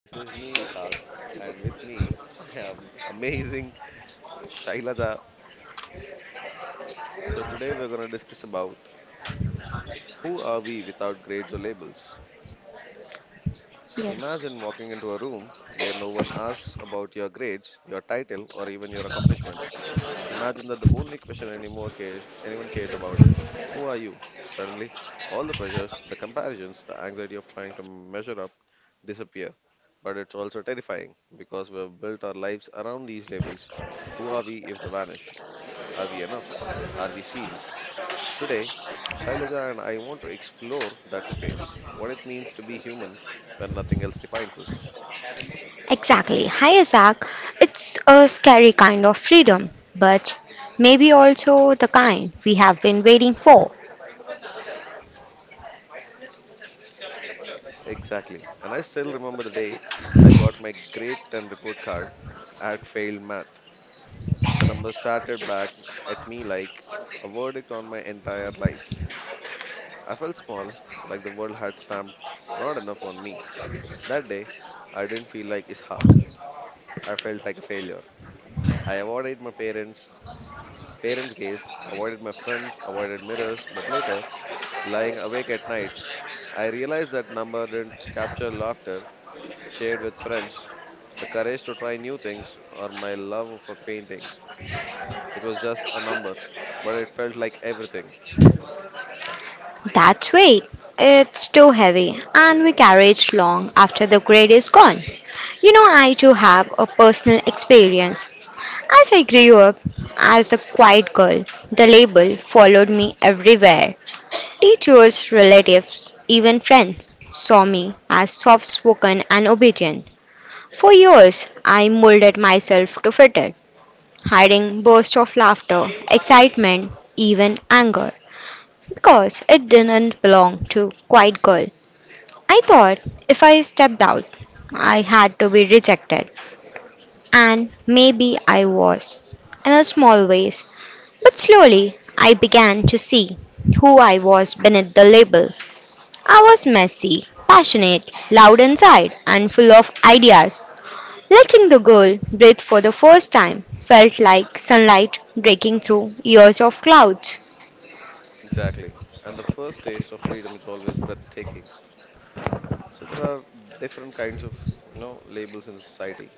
This is me, Ishaq, and with me I have amazing Shailaja. So today we're gonna discuss about who are we without grades or labels. So Yes, imagine walking into a room where no one asks about your grades, your title, or even your accomplishments. Imagine that the only question anymore cares anyone cares about is who are you? Suddenly, all the pressures, the comparisons, the anxiety of trying to measure up disappear. But it's also terrifying because we have built our lives around these labels. Who are we if they vanish? Are we enough? Are we seen? Today, Shailaja and I want to explore that space, what it means to be human when nothing else defines us. exactly. Hi, Isaac. It's a scary kind of freedom, but maybe also the kind we have been waiting for. Exactly. And I still remember the day I got my grade 10 report card at failed math. The number started back at me like a verdict on my entire life. I felt small, like the world had stamped not enough on me. That day, I didn't feel like Ishaq. I felt like a failure. I avoided my parents' gaze, avoided my friends, avoided mirrors, but later, lying awake at night, I realized that number didn't capture laughter shared with friends, the courage to try new things, or my love for painting. It was just a number, but it felt like everything. That's weight. It's too heavy, and we carry it long after the grade is gone. You know, I too have a personal experience. As I grew up as the quiet girl, the label followed me everywhere. Teachers, relatives, even friends saw me as soft spoken and obedient. For years, I molded myself to fit it, hiding bursts of laughter, excitement, even anger, because it didn't belong to Quiet Girl. I thought if I stepped out, I had to be rejected, and maybe I was, in a small ways. But slowly, I began to see who I was beneath the label. I was messy, passionate, loud inside, and full of ideas. Letting the girl breathe for the first time felt like sunlight breaking through years of clouds. Exactly. And the first taste of freedom is always breathtaking. So there are different kinds of, you know, labels in society.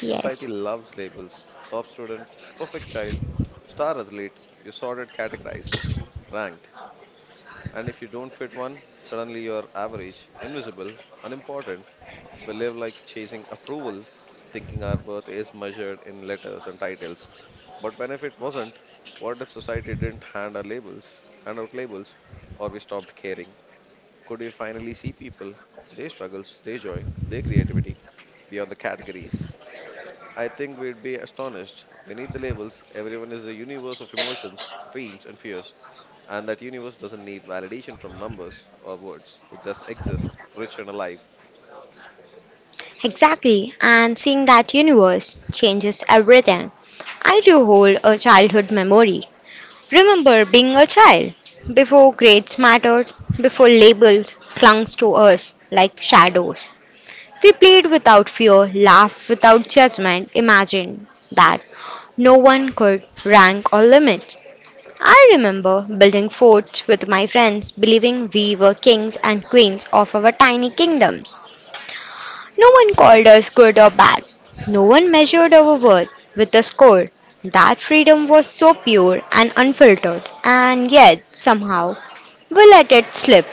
Society Yes, loves labels. Top student, perfect child, star athlete. You're sorted, categorized, ranked. And if you don't fit one, suddenly you're average, invisible, unimportant. We live like chasing approval, thinking our worth is measured in letters and titles. But when if it wasn't, what if society didn't hand our labels, hand out labels, or we stopped caring? Could we finally see people, their struggles, their joy, their creativity beyond the categories? I think we'd be astonished. Beneath the labels, everyone is a universe of emotions, dreams, and fears. And that universe doesn't need validation from numbers or words. It just exists, rich and alive. exactly. And seeing that universe changes everything. I do hold a childhood memory. Remember being a child before grades mattered, before labels clung to us like shadows. We played without fear, laughed without judgment, imagined that no one could rank or limit. I remember building forts with my friends, believing we were kings and queens of our tiny kingdoms. No one called us good or bad. No one measured our worth with a score. That freedom was so pure and unfiltered, and yet, somehow, we let it slip.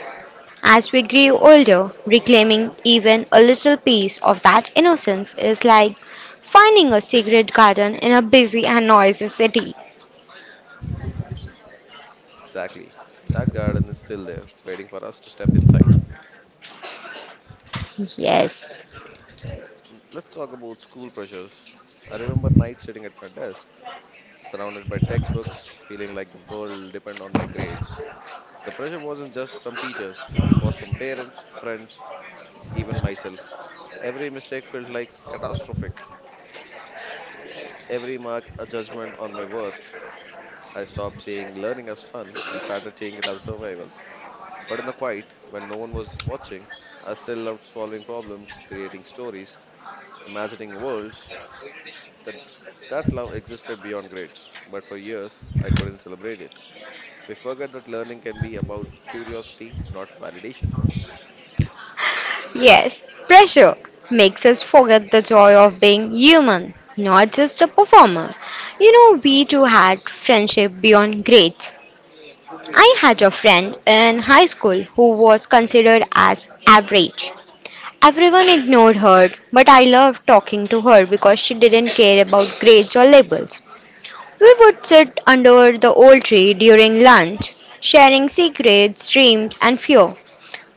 As we grew older, reclaiming even a little piece of that innocence is like finding a secret garden in a busy and noisy city. Exactly. That garden is still there, waiting for us to step inside. Yes. Let's talk about school pressures. I remember nights sitting at my desk, surrounded by textbooks, feeling like the world depended on my grades. The pressure wasn't just from teachers, it was from parents, friends, even myself. Every mistake felt like catastrophic. Every mark a judgment on my worth. I stopped seeing learning as fun and started seeing it as survival. But in the quiet, when no one was watching, I still loved solving problems, creating stories, imagining worlds that that love existed beyond grades. But for years, I couldn't celebrate it. We forget that learning can be about curiosity, not validation. Yes, pressure makes us forget the joy of being human, not just a performer. You know, we too had friendship beyond grades. I had a friend in high school who was considered as average. Everyone ignored her, but I loved talking to her because she didn't care about grades or labels. We would sit under the old tree during lunch, sharing secrets, dreams, and fear.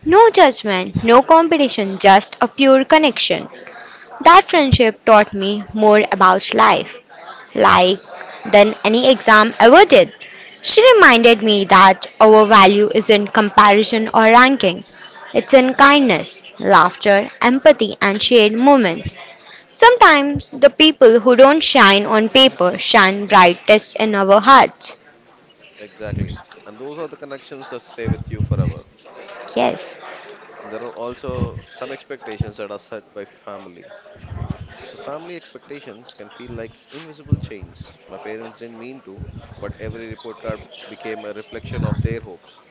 No judgment, no competition, just a pure connection. That friendship taught me more about life, like than any exam ever did. She reminded me that our value isn't comparison or ranking. It's in kindness, laughter, empathy, and shared moments. Sometimes the people who don't shine on paper shine brightest in our hearts. Exactly. And those are the connections that stay with you forever. Yes, There are also some expectations that are set by family. So, family expectations can feel like invisible chains. My parents didn't mean to, but every report card became a reflection of their hopes.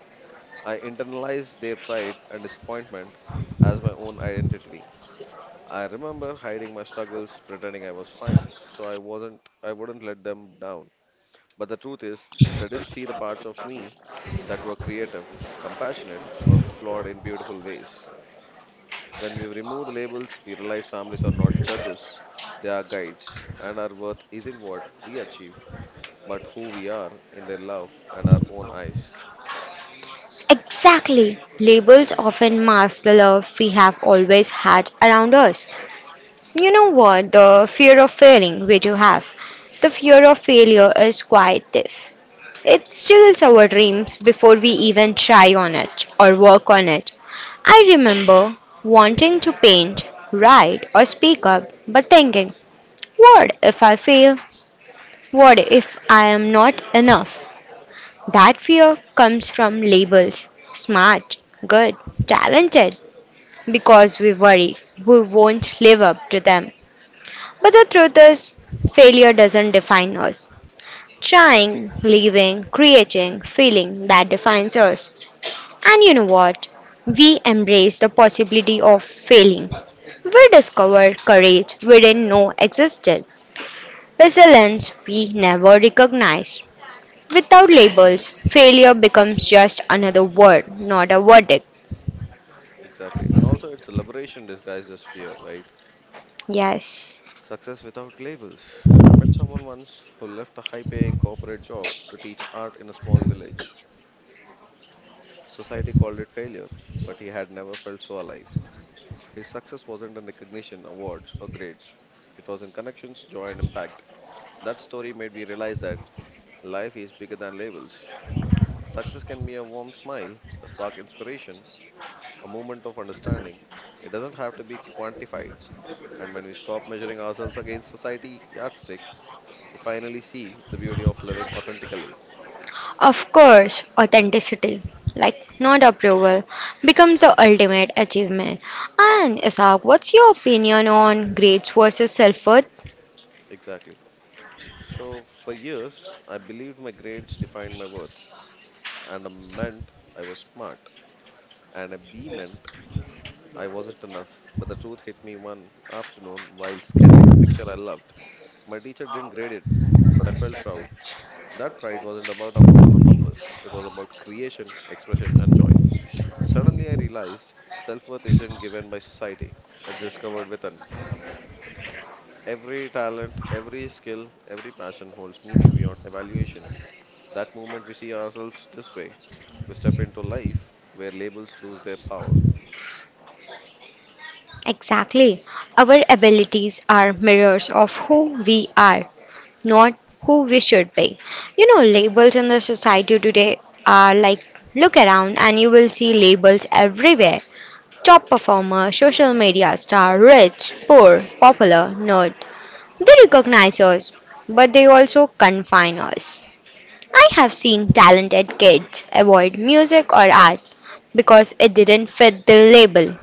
I internalized their pride and disappointment as my own identity. I remember hiding my struggles, pretending I was fine, so I wouldn't let them down. But the truth is, they didn't see the parts of me that were creative, compassionate, or flawed in beautiful ways. When we remove the labels, we realize families are not judges, they are guides, and our worth isn't what we achieve, but who we are in their love and our own eyes. exactly. Labels often mask the love we have always had around us. You know what? The fear of failing, we do have. The fear of failure is quite thief. It steals our dreams before we even try on it or work on it. I remember wanting to paint, write, or speak up, but thinking, what if I fail? What if I am not enough? That fear comes from labels smart, good, talented because we worry we won't live up to them. But the truth is, failure doesn't define us. Trying, leaving, creating, feeling that defines us. And you know what? We embrace the possibility of failing. We discover courage we didn't know existed resilience we never recognized. Without labels, failure becomes just another word, not a verdict. Exactly. And also, it's a liberation disguised as fear, right? Yes. Success without labels. I met someone once who left a high paying corporate job to teach art in a small village. Society called it failure, but he had never felt so alive. His success wasn't in recognition, awards, or grades, it was in connections, joy, and impact. That story made me realize that. Life is bigger than labels. Success can be a warm smile, a spark inspiration, a moment of understanding. It doesn't have to be quantified. And when we stop measuring ourselves against society yardsticks, we finally see the beauty of living authentically. Of course, authenticity, like not approval, becomes the ultimate achievement. And Isaac, what's your opinion on grades versus self worth? Exactly. So, for years, I believed my grades defined my worth, and a meant I was smart, and a B meant I wasn't enough. But the truth hit me one afternoon while sketching a picture I loved. My teacher didn't grade it, but I felt proud. That pride wasn't about approval or numbers, it was about creation, expression, and joy. Suddenly, I realized self worth isn't given by society, it's discovered within. Every talent, every skill, every passion holds meaning beyond evaluation. That moment we see ourselves this way, we step into life where labels lose their power. Exactly. Our abilities are mirrors of who we are, not who we should be. You know, labels in the society today are like look around and you will see labels everywhere. Top performer, social media star, rich, poor, popular, nerd. They recognize us, but they also confine us. I have seen talented kids avoid music or art because it didn't fit the label.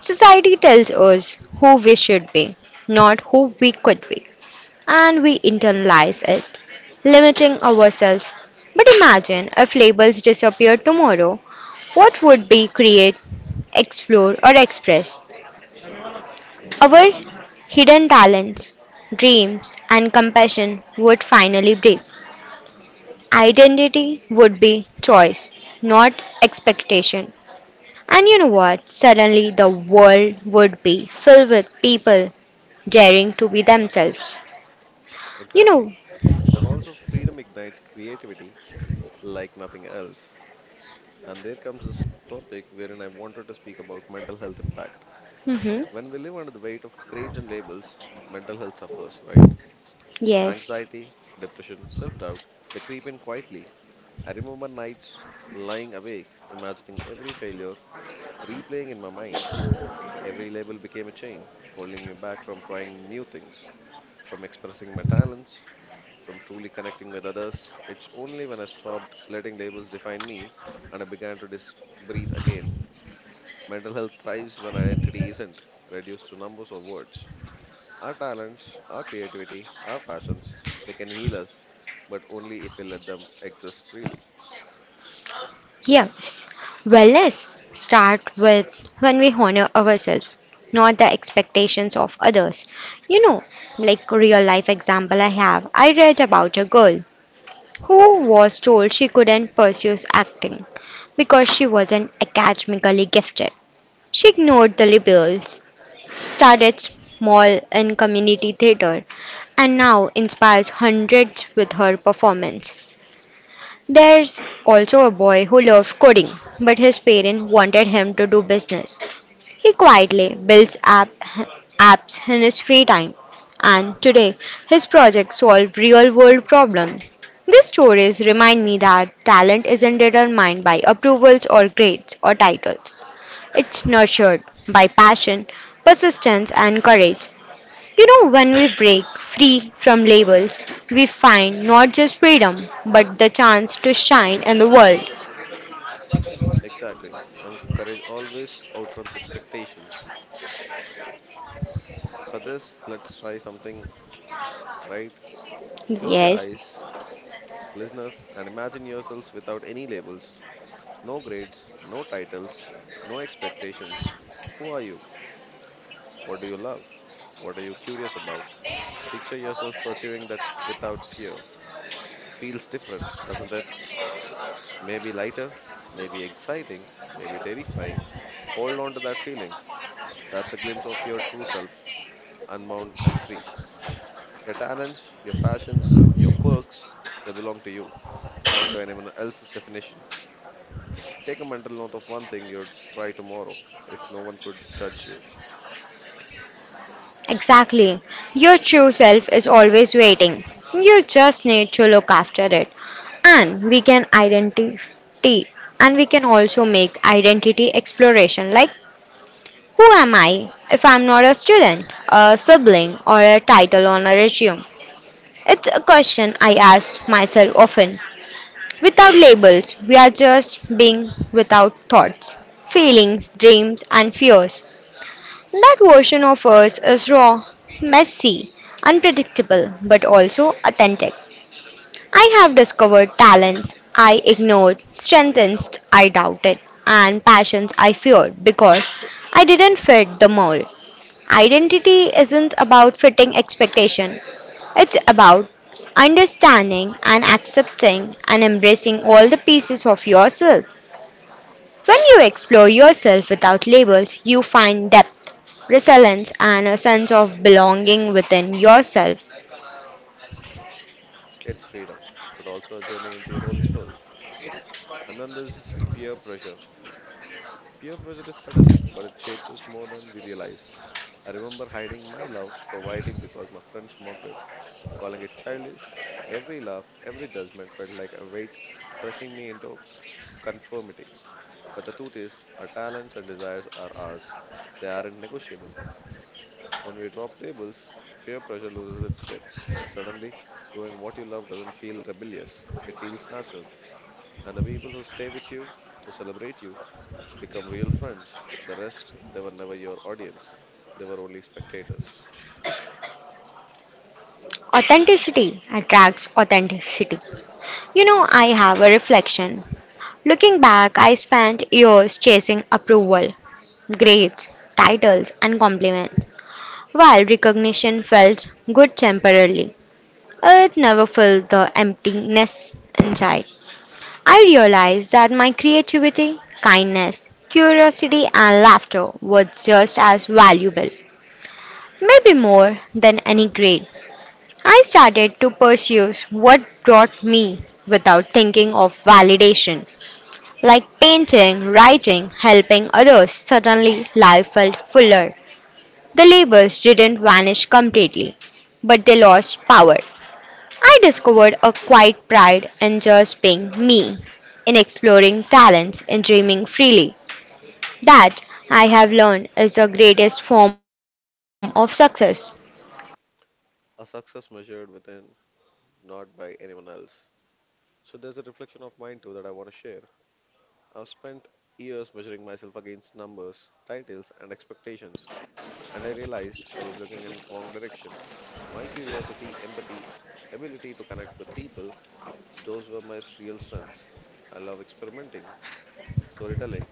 Society tells us who we should be, not who we could be, and we internalize it, limiting ourselves. But imagine if labels disappeared tomorrow, what would we create, explore, or express? Our hidden talents, dreams, and compassion would finally breathe. Identity would be choice, not expectation. And you know what? Suddenly, the world would be filled with people daring to be themselves. You Exactly. know, And also, freedom ignites creativity like nothing else. And there comes this topic wherein I wanted to speak about mental health impact. hmm, When we live under the weight of grades and labels, mental health suffers, right? yes. Anxiety, depression, self doubt, they creep in quietly. I remember nights lying awake, imagining every failure, replaying in my mind. Every label became a chain, holding me back from trying new things, from expressing my talents, from truly connecting with others. It's only when I stopped letting labels define me and I began to breathe again. Mental health thrives when identity isn't reduced to numbers or words. Our talents, our creativity, our passions, they can heal us, but only if we let them exist freely. Yes. Well, let's start with when we honor ourselves, not the expectations of others. You know, like real life example I have, I read about a girl who was told she couldn't pursue acting because she wasn't academically gifted. She ignored the labels, started small in community theater, and now inspires hundreds with her performance. There's also a boy who loved coding, but his parents wanted him to do business. He quietly apps in his free time, and today his projects solve real world problems. These stories remind me that talent isn't determined by approvals or grades or titles, it's nurtured by passion, persistence, and courage. You know, when we break free from labels, we find not just freedom, but the chance to shine in the world. Exactly. And courage always outruns expectations. So for this, let's try something, right? Close your Yes, eyes, listeners, and imagine yourselves without any labels, no grades, no titles, no expectations. Who are you? What do you love? What are you curious about? Picture yourself pursuing that without fear. Feels different, doesn't it? Maybe lighter, maybe exciting, maybe terrifying. Hold on to that feeling. That's a glimpse of your true self, unbound and free. Your talents, your passions, your quirks, they belong to you, not to anyone else's definition. Take a mental note of one thing you'll try tomorrow if no one could judge you. exactly. Your true self is always waiting. You just need to look after it. And we can identity and we can also make identity exploration like who am I if I'm not a student, a sibling or a title on a resume? It's a question I ask myself often. Without labels, we are just being without thoughts, feelings, dreams, and fears. That version of us is raw, messy, unpredictable, but also authentic. I have discovered talents I ignored, strengths I doubted, and passions I feared because I didn't fit the mold. Identity isn't about fitting expectation, it's about understanding and accepting and embracing all the pieces of yourself. When you explore yourself without labels, you find depth, resilience, and a sense of belonging within yourself. It's freedom, but also a journey into your own soul. And then there's this peer pressure. Peer pressure is subtle, but it shapes us more than we realize. I remember hiding my love for writing because my friends mocked it. Calling it childish. Every laugh, every judgment felt like a weight pressing me into conformity. But the truth is, our talents and desires are ours. They aren't negotiable. When we drop labels, peer pressure loses its grip. Suddenly, doing what you love doesn't feel rebellious, it feels natural. And the people who stay with you, who celebrate you, become real friends. The rest, they were never your audience, they were only spectators. Authenticity attracts authenticity. You know, I have a reflection. Looking back, I spent years chasing approval, grades, titles, and compliments, while recognition felt good temporarily. It never filled the emptiness inside. I realized that my creativity, kindness, curiosity, and laughter were just as valuable, maybe more than any grade. I started to pursue what brought me without thinking of validation, like painting, writing, helping others. Suddenly, life felt fuller. The labels didn't vanish completely, but they lost power. I discovered a quiet pride in just being me, in exploring talents, in dreaming freely. That, I have learned, is the greatest form of success. A success measured within, not by anyone else. So there's a reflection of mine too that I want to share. I've spent years measuring myself against numbers, titles, and expectations, and I realized I was looking in the wrong direction. My curiosity, empathy, ability to connect with people, those were my real strengths. I love experimenting, storytelling,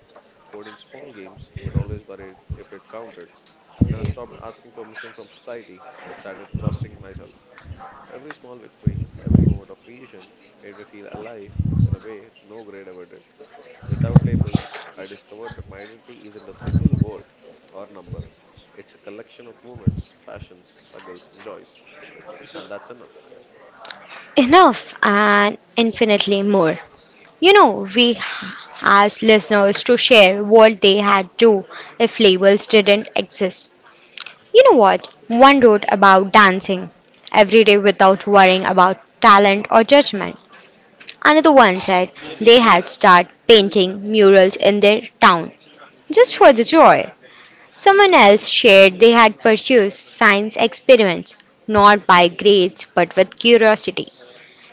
coding small games, but always worried if it counted. Then I stopped asking permission from society and started trusting myself. Every small victory, every moment of creation made me feel alive in a way no grade ever did. Without labels, I discovered that my identity isn't a single word or number. It's a collection of moments, passions, struggles, and joys. And that's enough. Enough and infinitely more. You know, we asked listeners to share what they had do if labels didn't exist. You know what? One wrote about dancing every day without worrying about talent or judgment. Another one said they had started painting murals in their town just for the joy. Someone else shared they had pursued science experiments not by grades but with curiosity.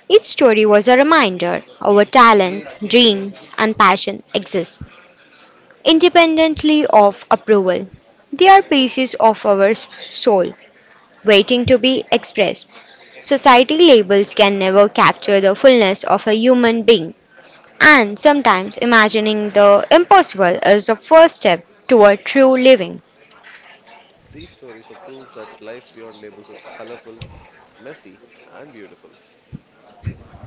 Each story was a reminder our talent, dreams, and passion exist independently of approval. They are pieces of our soul waiting to be expressed. Society labels can never capture the fullness of a human being. And sometimes imagining the impossible is the first step toward true living. These stories are proof that life beyond labels is colorful, messy, and beautiful.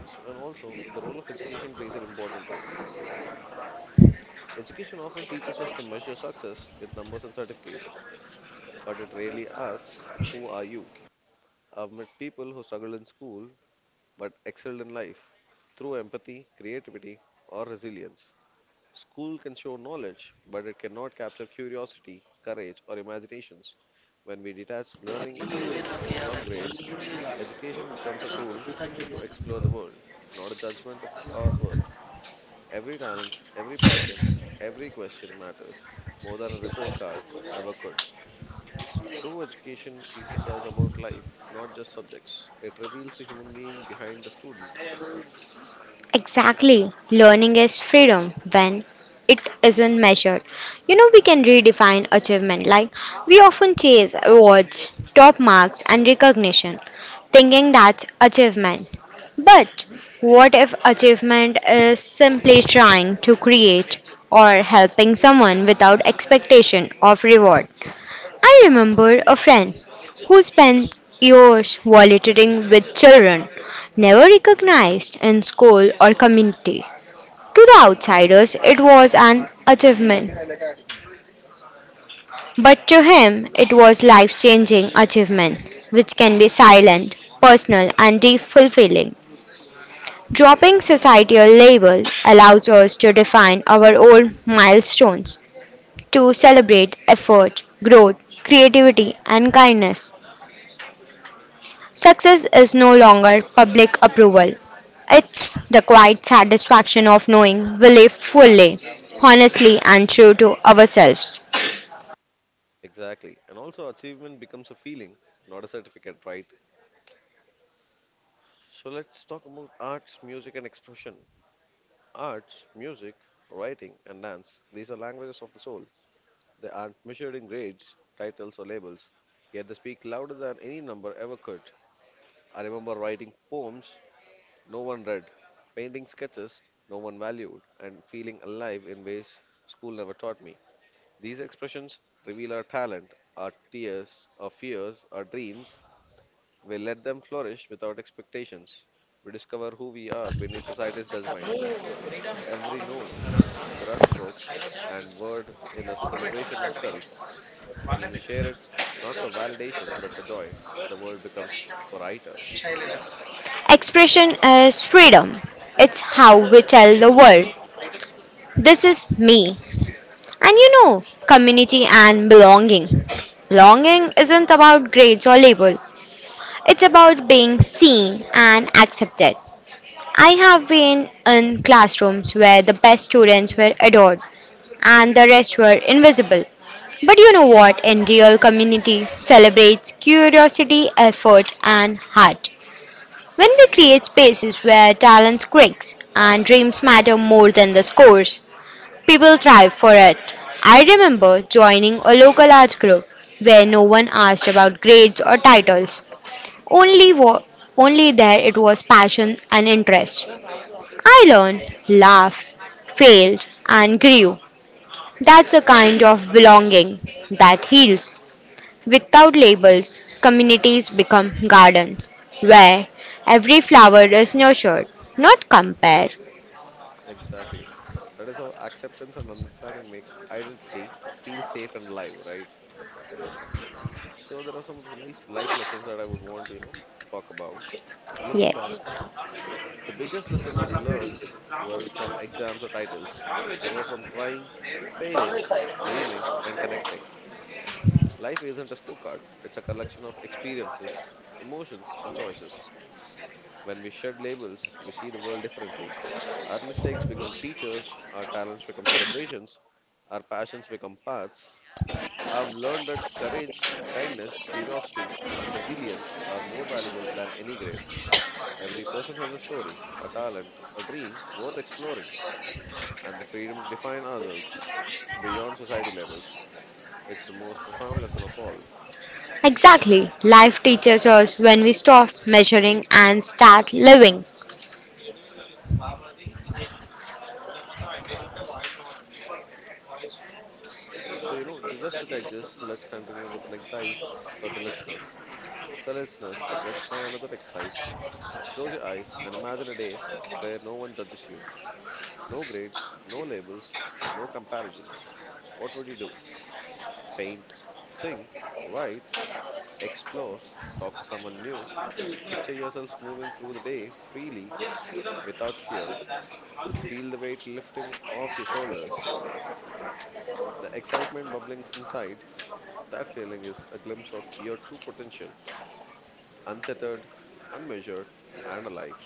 So, and also, the role of education plays an important role. Education often teaches us to measure success with numbers and certifications, but it rarely asks, who are you? I've met people who struggled in school but excelled in life through empathy, creativity, or resilience. School can show knowledge, but it cannot capture curiosity, courage, or imaginations. When we detach learning from grades, education becomes a tool to explore the world, not a judgment of our worth. Every talent, every passion, every question matters more than a report card ever could. True education teaches us about life, not just subjects. It reveals the human being behind the student. Exactly. Learning is freedom when it isn't measured. You know, we can redefine achievement. Like, we often chase awards, top marks, and recognition, thinking that's achievement. But what if achievement is simply trying to create or helping someone without expectation of reward? I remember a friend who spent years volunteering with children, never recognized in school or community. To the outsiders, it was an achievement, but to him, it was life changing achievement, which can be silent, personal, and deep fulfilling. Dropping societal label allows us to define our own milestones, to celebrate effort, growth, creativity, and kindness. Success is no longer public approval. It's the quiet satisfaction of knowing we live fully, honestly, and true to ourselves. Exactly. And also, achievement becomes a feeling, not a certificate, right? So, let's talk about arts, music, and expression. Arts, music, writing, and dance, these are languages of the soul. They aren't measured in grades, titles, or labels, yet they speak louder than any number ever could. I remember writing poems no one read, painting sketches no one valued, and feeling alive in ways school never taught me. These expressions reveal our talent, our tears, our fears, our dreams, we let them flourish without expectations. We discover who we are beneath society's judgment. Every note, brushstroke, and word in a celebration of self. And when we share it, not for validation but for joy, the world becomes brighter. Expression is freedom. It's how we tell the world, this is me. And you know, community and belonging. Belonging isn't about grades or label. It's about being seen and accepted. I have been in classrooms where the best students were adored, and the rest were invisible. But you know what? In real community celebrates curiosity, effort, and heart. When we create spaces where talent quakes and dreams matter more than the scores, people thrive for it. I remember joining a local arts group where no one asked about grades or titles. Only wa- Only there it was passion and interest. I learned, laughed, failed, and grew. That's a kind of belonging that heals. Without labels, communities become gardens where every flower is nurtured, not compared. Exactly. That is how acceptance and understanding make identity feel safe and alive, right? So there are some of the life lessons that I would want to, talk about. Looking back, Yes, the biggest lesson I've learned weren't from exams or titles. They were from trying, failing, dreaming, and connecting. Life isn't a scorecard, it's a collection of experiences, emotions, and choices. When we shed labels, we see the world differently. Our mistakes become teachers, our talents become celebrations, our passions become paths. I've learned that courage, kindness, curiosity, and resilience are more valuable than any grade. Every person has a story, a talent, a dream worth exploring, and the freedom to define ourselves beyond society labels. It's the most profound lesson of all. exactly. Life teaches us when we stop measuring and start living. So, just to take this, let's continue with an exercise for the listeners. So, listeners, let's try another exercise. Close your eyes and imagine a day where no one judges you. No grades, no labels, no comparisons. What would you do? Paint, sing, write, explore, talk to someone new. Picture yourself moving through the day freely without fear. Feel the weight lifting off your shoulders, the excitement bubbling inside. That feeling is a glimpse of your true potential, untethered, unmeasured, and alive.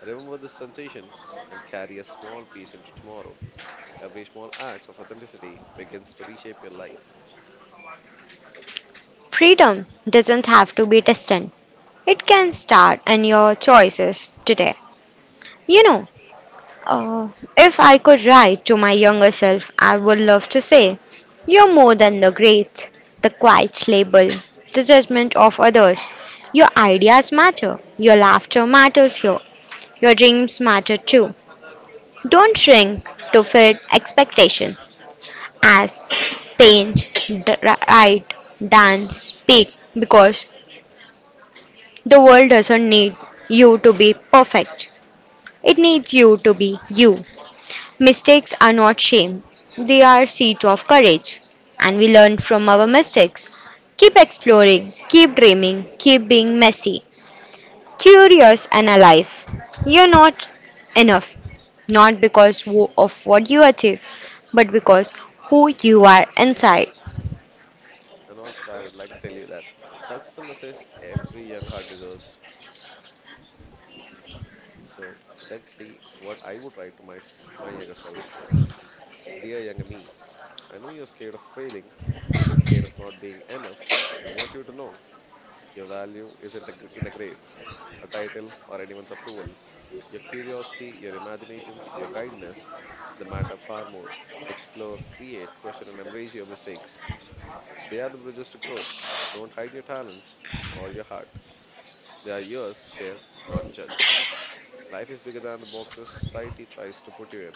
Remember this sensation and carry a small piece into tomorrow. Every small act of authenticity begins to reshape your life. Freedom doesn't have to be distant, it can start in your choices today. You know, Uh, if I could write to my younger self, I would love to say, you're more than the great, the quiet label, the judgment of others. Your ideas matter, your laughter matters here, your dreams matter too. Don't shrink to fit expectations as paint, write, dance, speak because the world doesn't need you to be perfect. It needs you to be you. Mistakes are not shame, they are seeds of courage, and we learn from our mistakes. Keep exploring, keep dreaming, keep being messy, curious, and alive. You're not enough, not because of what you achieve, but because who you are inside. And also, I would like to tell you that that's the message every young heart deserves. So, let's see what I would write to my younger self. Dear younger me, I know you're scared of failing, scared of not being enough. I want you to know your value isn't in a grade, a title, or anyone's approval. Your curiosity, your imaginations, your kindness, they matter far more. Explore, create, question, and embrace your mistakes. They are the bridges to growth. Don't hide your talents or your heart. They are yours to share, not judge. Life is bigger than the boxes society tries to put you in.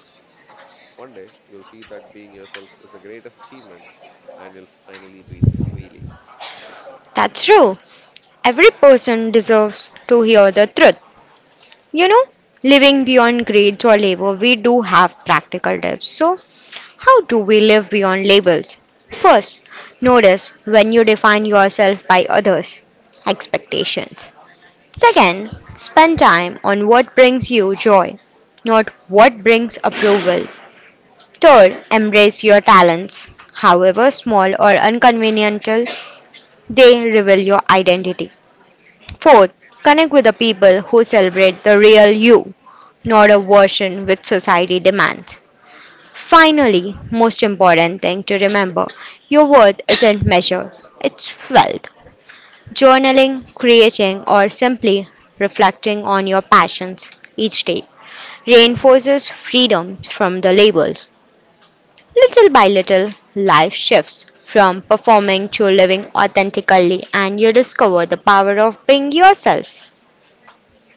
One day, you'll see that being yourself is the greatest achievement and you'll finally breathe freely. That's true. Every person deserves to hear the truth. You know, living beyond grades or labor, we do have practical tips. So, how do we live beyond labels? First, notice when you define yourself by others' expectations. Second, spend time on what brings you joy, not what brings approval. Third, embrace your talents, however small or inconvenient, they reveal your identity. Fourth, connect with the people who celebrate the real you not a version which society demands. Finally, most important thing to remember your worth isn't measured, it's felt. Journaling, creating, or simply reflecting on your passions each day reinforces freedom from the labels. Little by little, life shifts from performing to living authentically, and you discover the power of being yourself.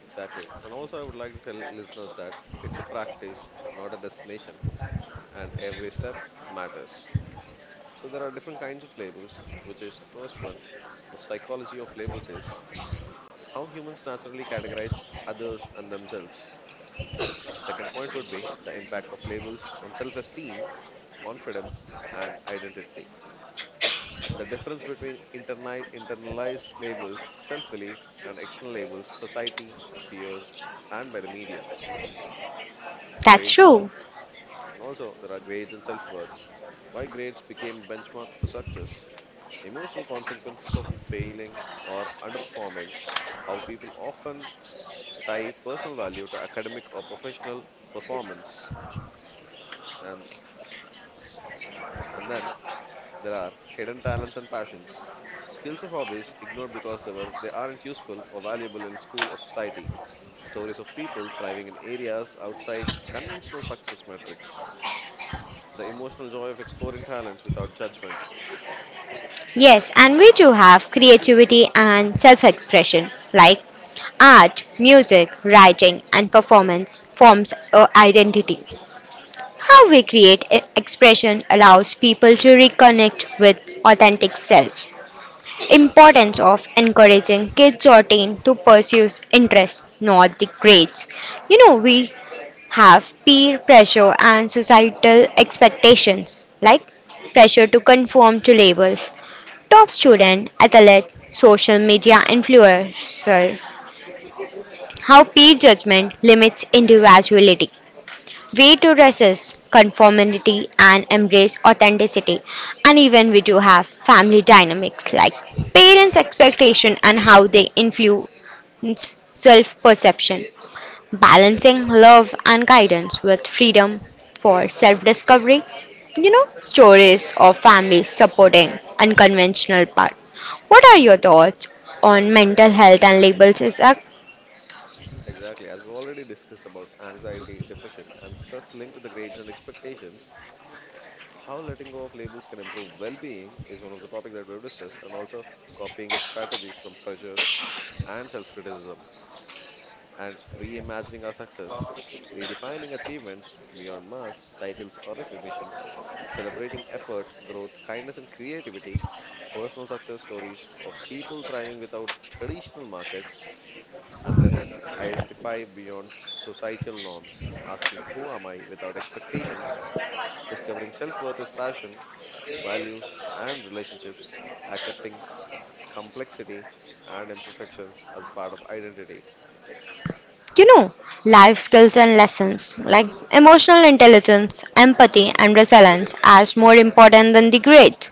Exactly. And also, I would like to tell listeners that it's a practice, not a destination, and every step matters. So, there are different kinds of labels, which is the first one. The psychology of labels is how humans naturally categorize others and themselves. The second point would be the impact of labels on self esteem, confidence, and identity. The difference between internalized labels, self belief, and external labels, society, peers, and by the media, That's grades. true. And also, there are grades and self worth. Why grades became benchmark for success, emotional consequences of failing or underperforming, how people often tie personal value to academic or professional performance. And, and then there are hidden talents and passions, skills or hobbies ignored because they aren't useful or valuable in school or society. Stories of people thriving in areas outside conventional success metrics. The emotional joy of exploring talents without judgment. Yes, and we too have creativity and self expression, like art, music, writing, and performance forms our identity. How we create expression allows people to reconnect with authentic self. Importance of encouraging kids or teen to pursue interests, not the grades. You know, we have peer pressure and societal expectations, like pressure to conform to labels, top student, athlete, social media influencer. How peer judgment limits individuality. Way to resist conformity and embrace authenticity. And even we do have family dynamics like parents' expectation and how they influence self perception balancing love and guidance with freedom for self discovery. You know, stories of families supporting unconventional paths. What are your thoughts on mental health and labels as a, Exactly. As we already discussed about anxiety, depression, and stress linked to the grades and expectations, how letting go of labels can improve well being is one of the topics that we've discussed, and also copying strategies from pressure and self criticism, and reimagining our success, redefining achievements beyond marks, titles, or recognitions, celebrating effort, growth, kindness, and creativity, personal success stories of people thriving without traditional markets, and then identify beyond societal norms, asking who am I without expectations, discovering self worth is passion, values, and relationships, accepting complexity and imperfections as part of identity. you know, life skills and lessons like emotional intelligence, empathy, and resilience as more important than the grades?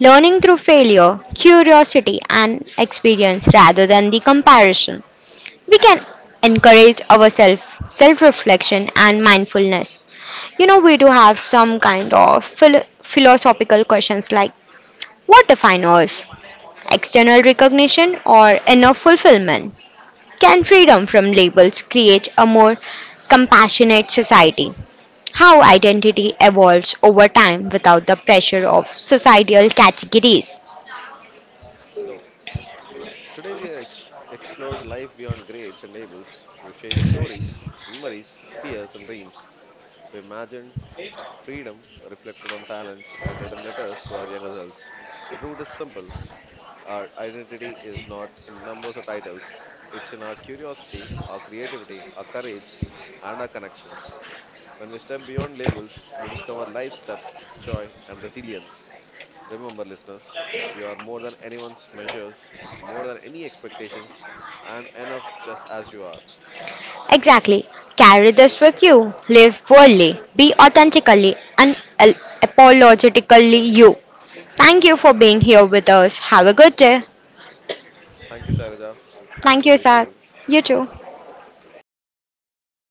Learning through failure, curiosity, and experience rather than the comparison. We can encourage ourselves self reflection and mindfulness. You know, we do have some kind of philosophical questions like what defines us, external recognition or inner fulfillment? Can freedom from labels create a more compassionate society? How identity evolves over time without the pressure of societal categories. So, today we have explored life beyond grades and labels. We shared stories, memories, fears, and dreams. We imagined freedom, reflected on talents and written letters to our younger selves. The route is simple. Our identity is not in numbers or titles, it's in our curiosity, our creativity, our courage, and our connections. When we step beyond labels, we discover life's depth, joy, and resilience. Remember, listeners, you are more than anyone's measures, more than any expectations, and enough just as you are. Exactly. Carry this with you. Live boldly. Be authentically and apologetically you. Thank you for being here with us. Have a good day. Thank you, Sharaja. Have a Thank good you, day, Zach. too. You too.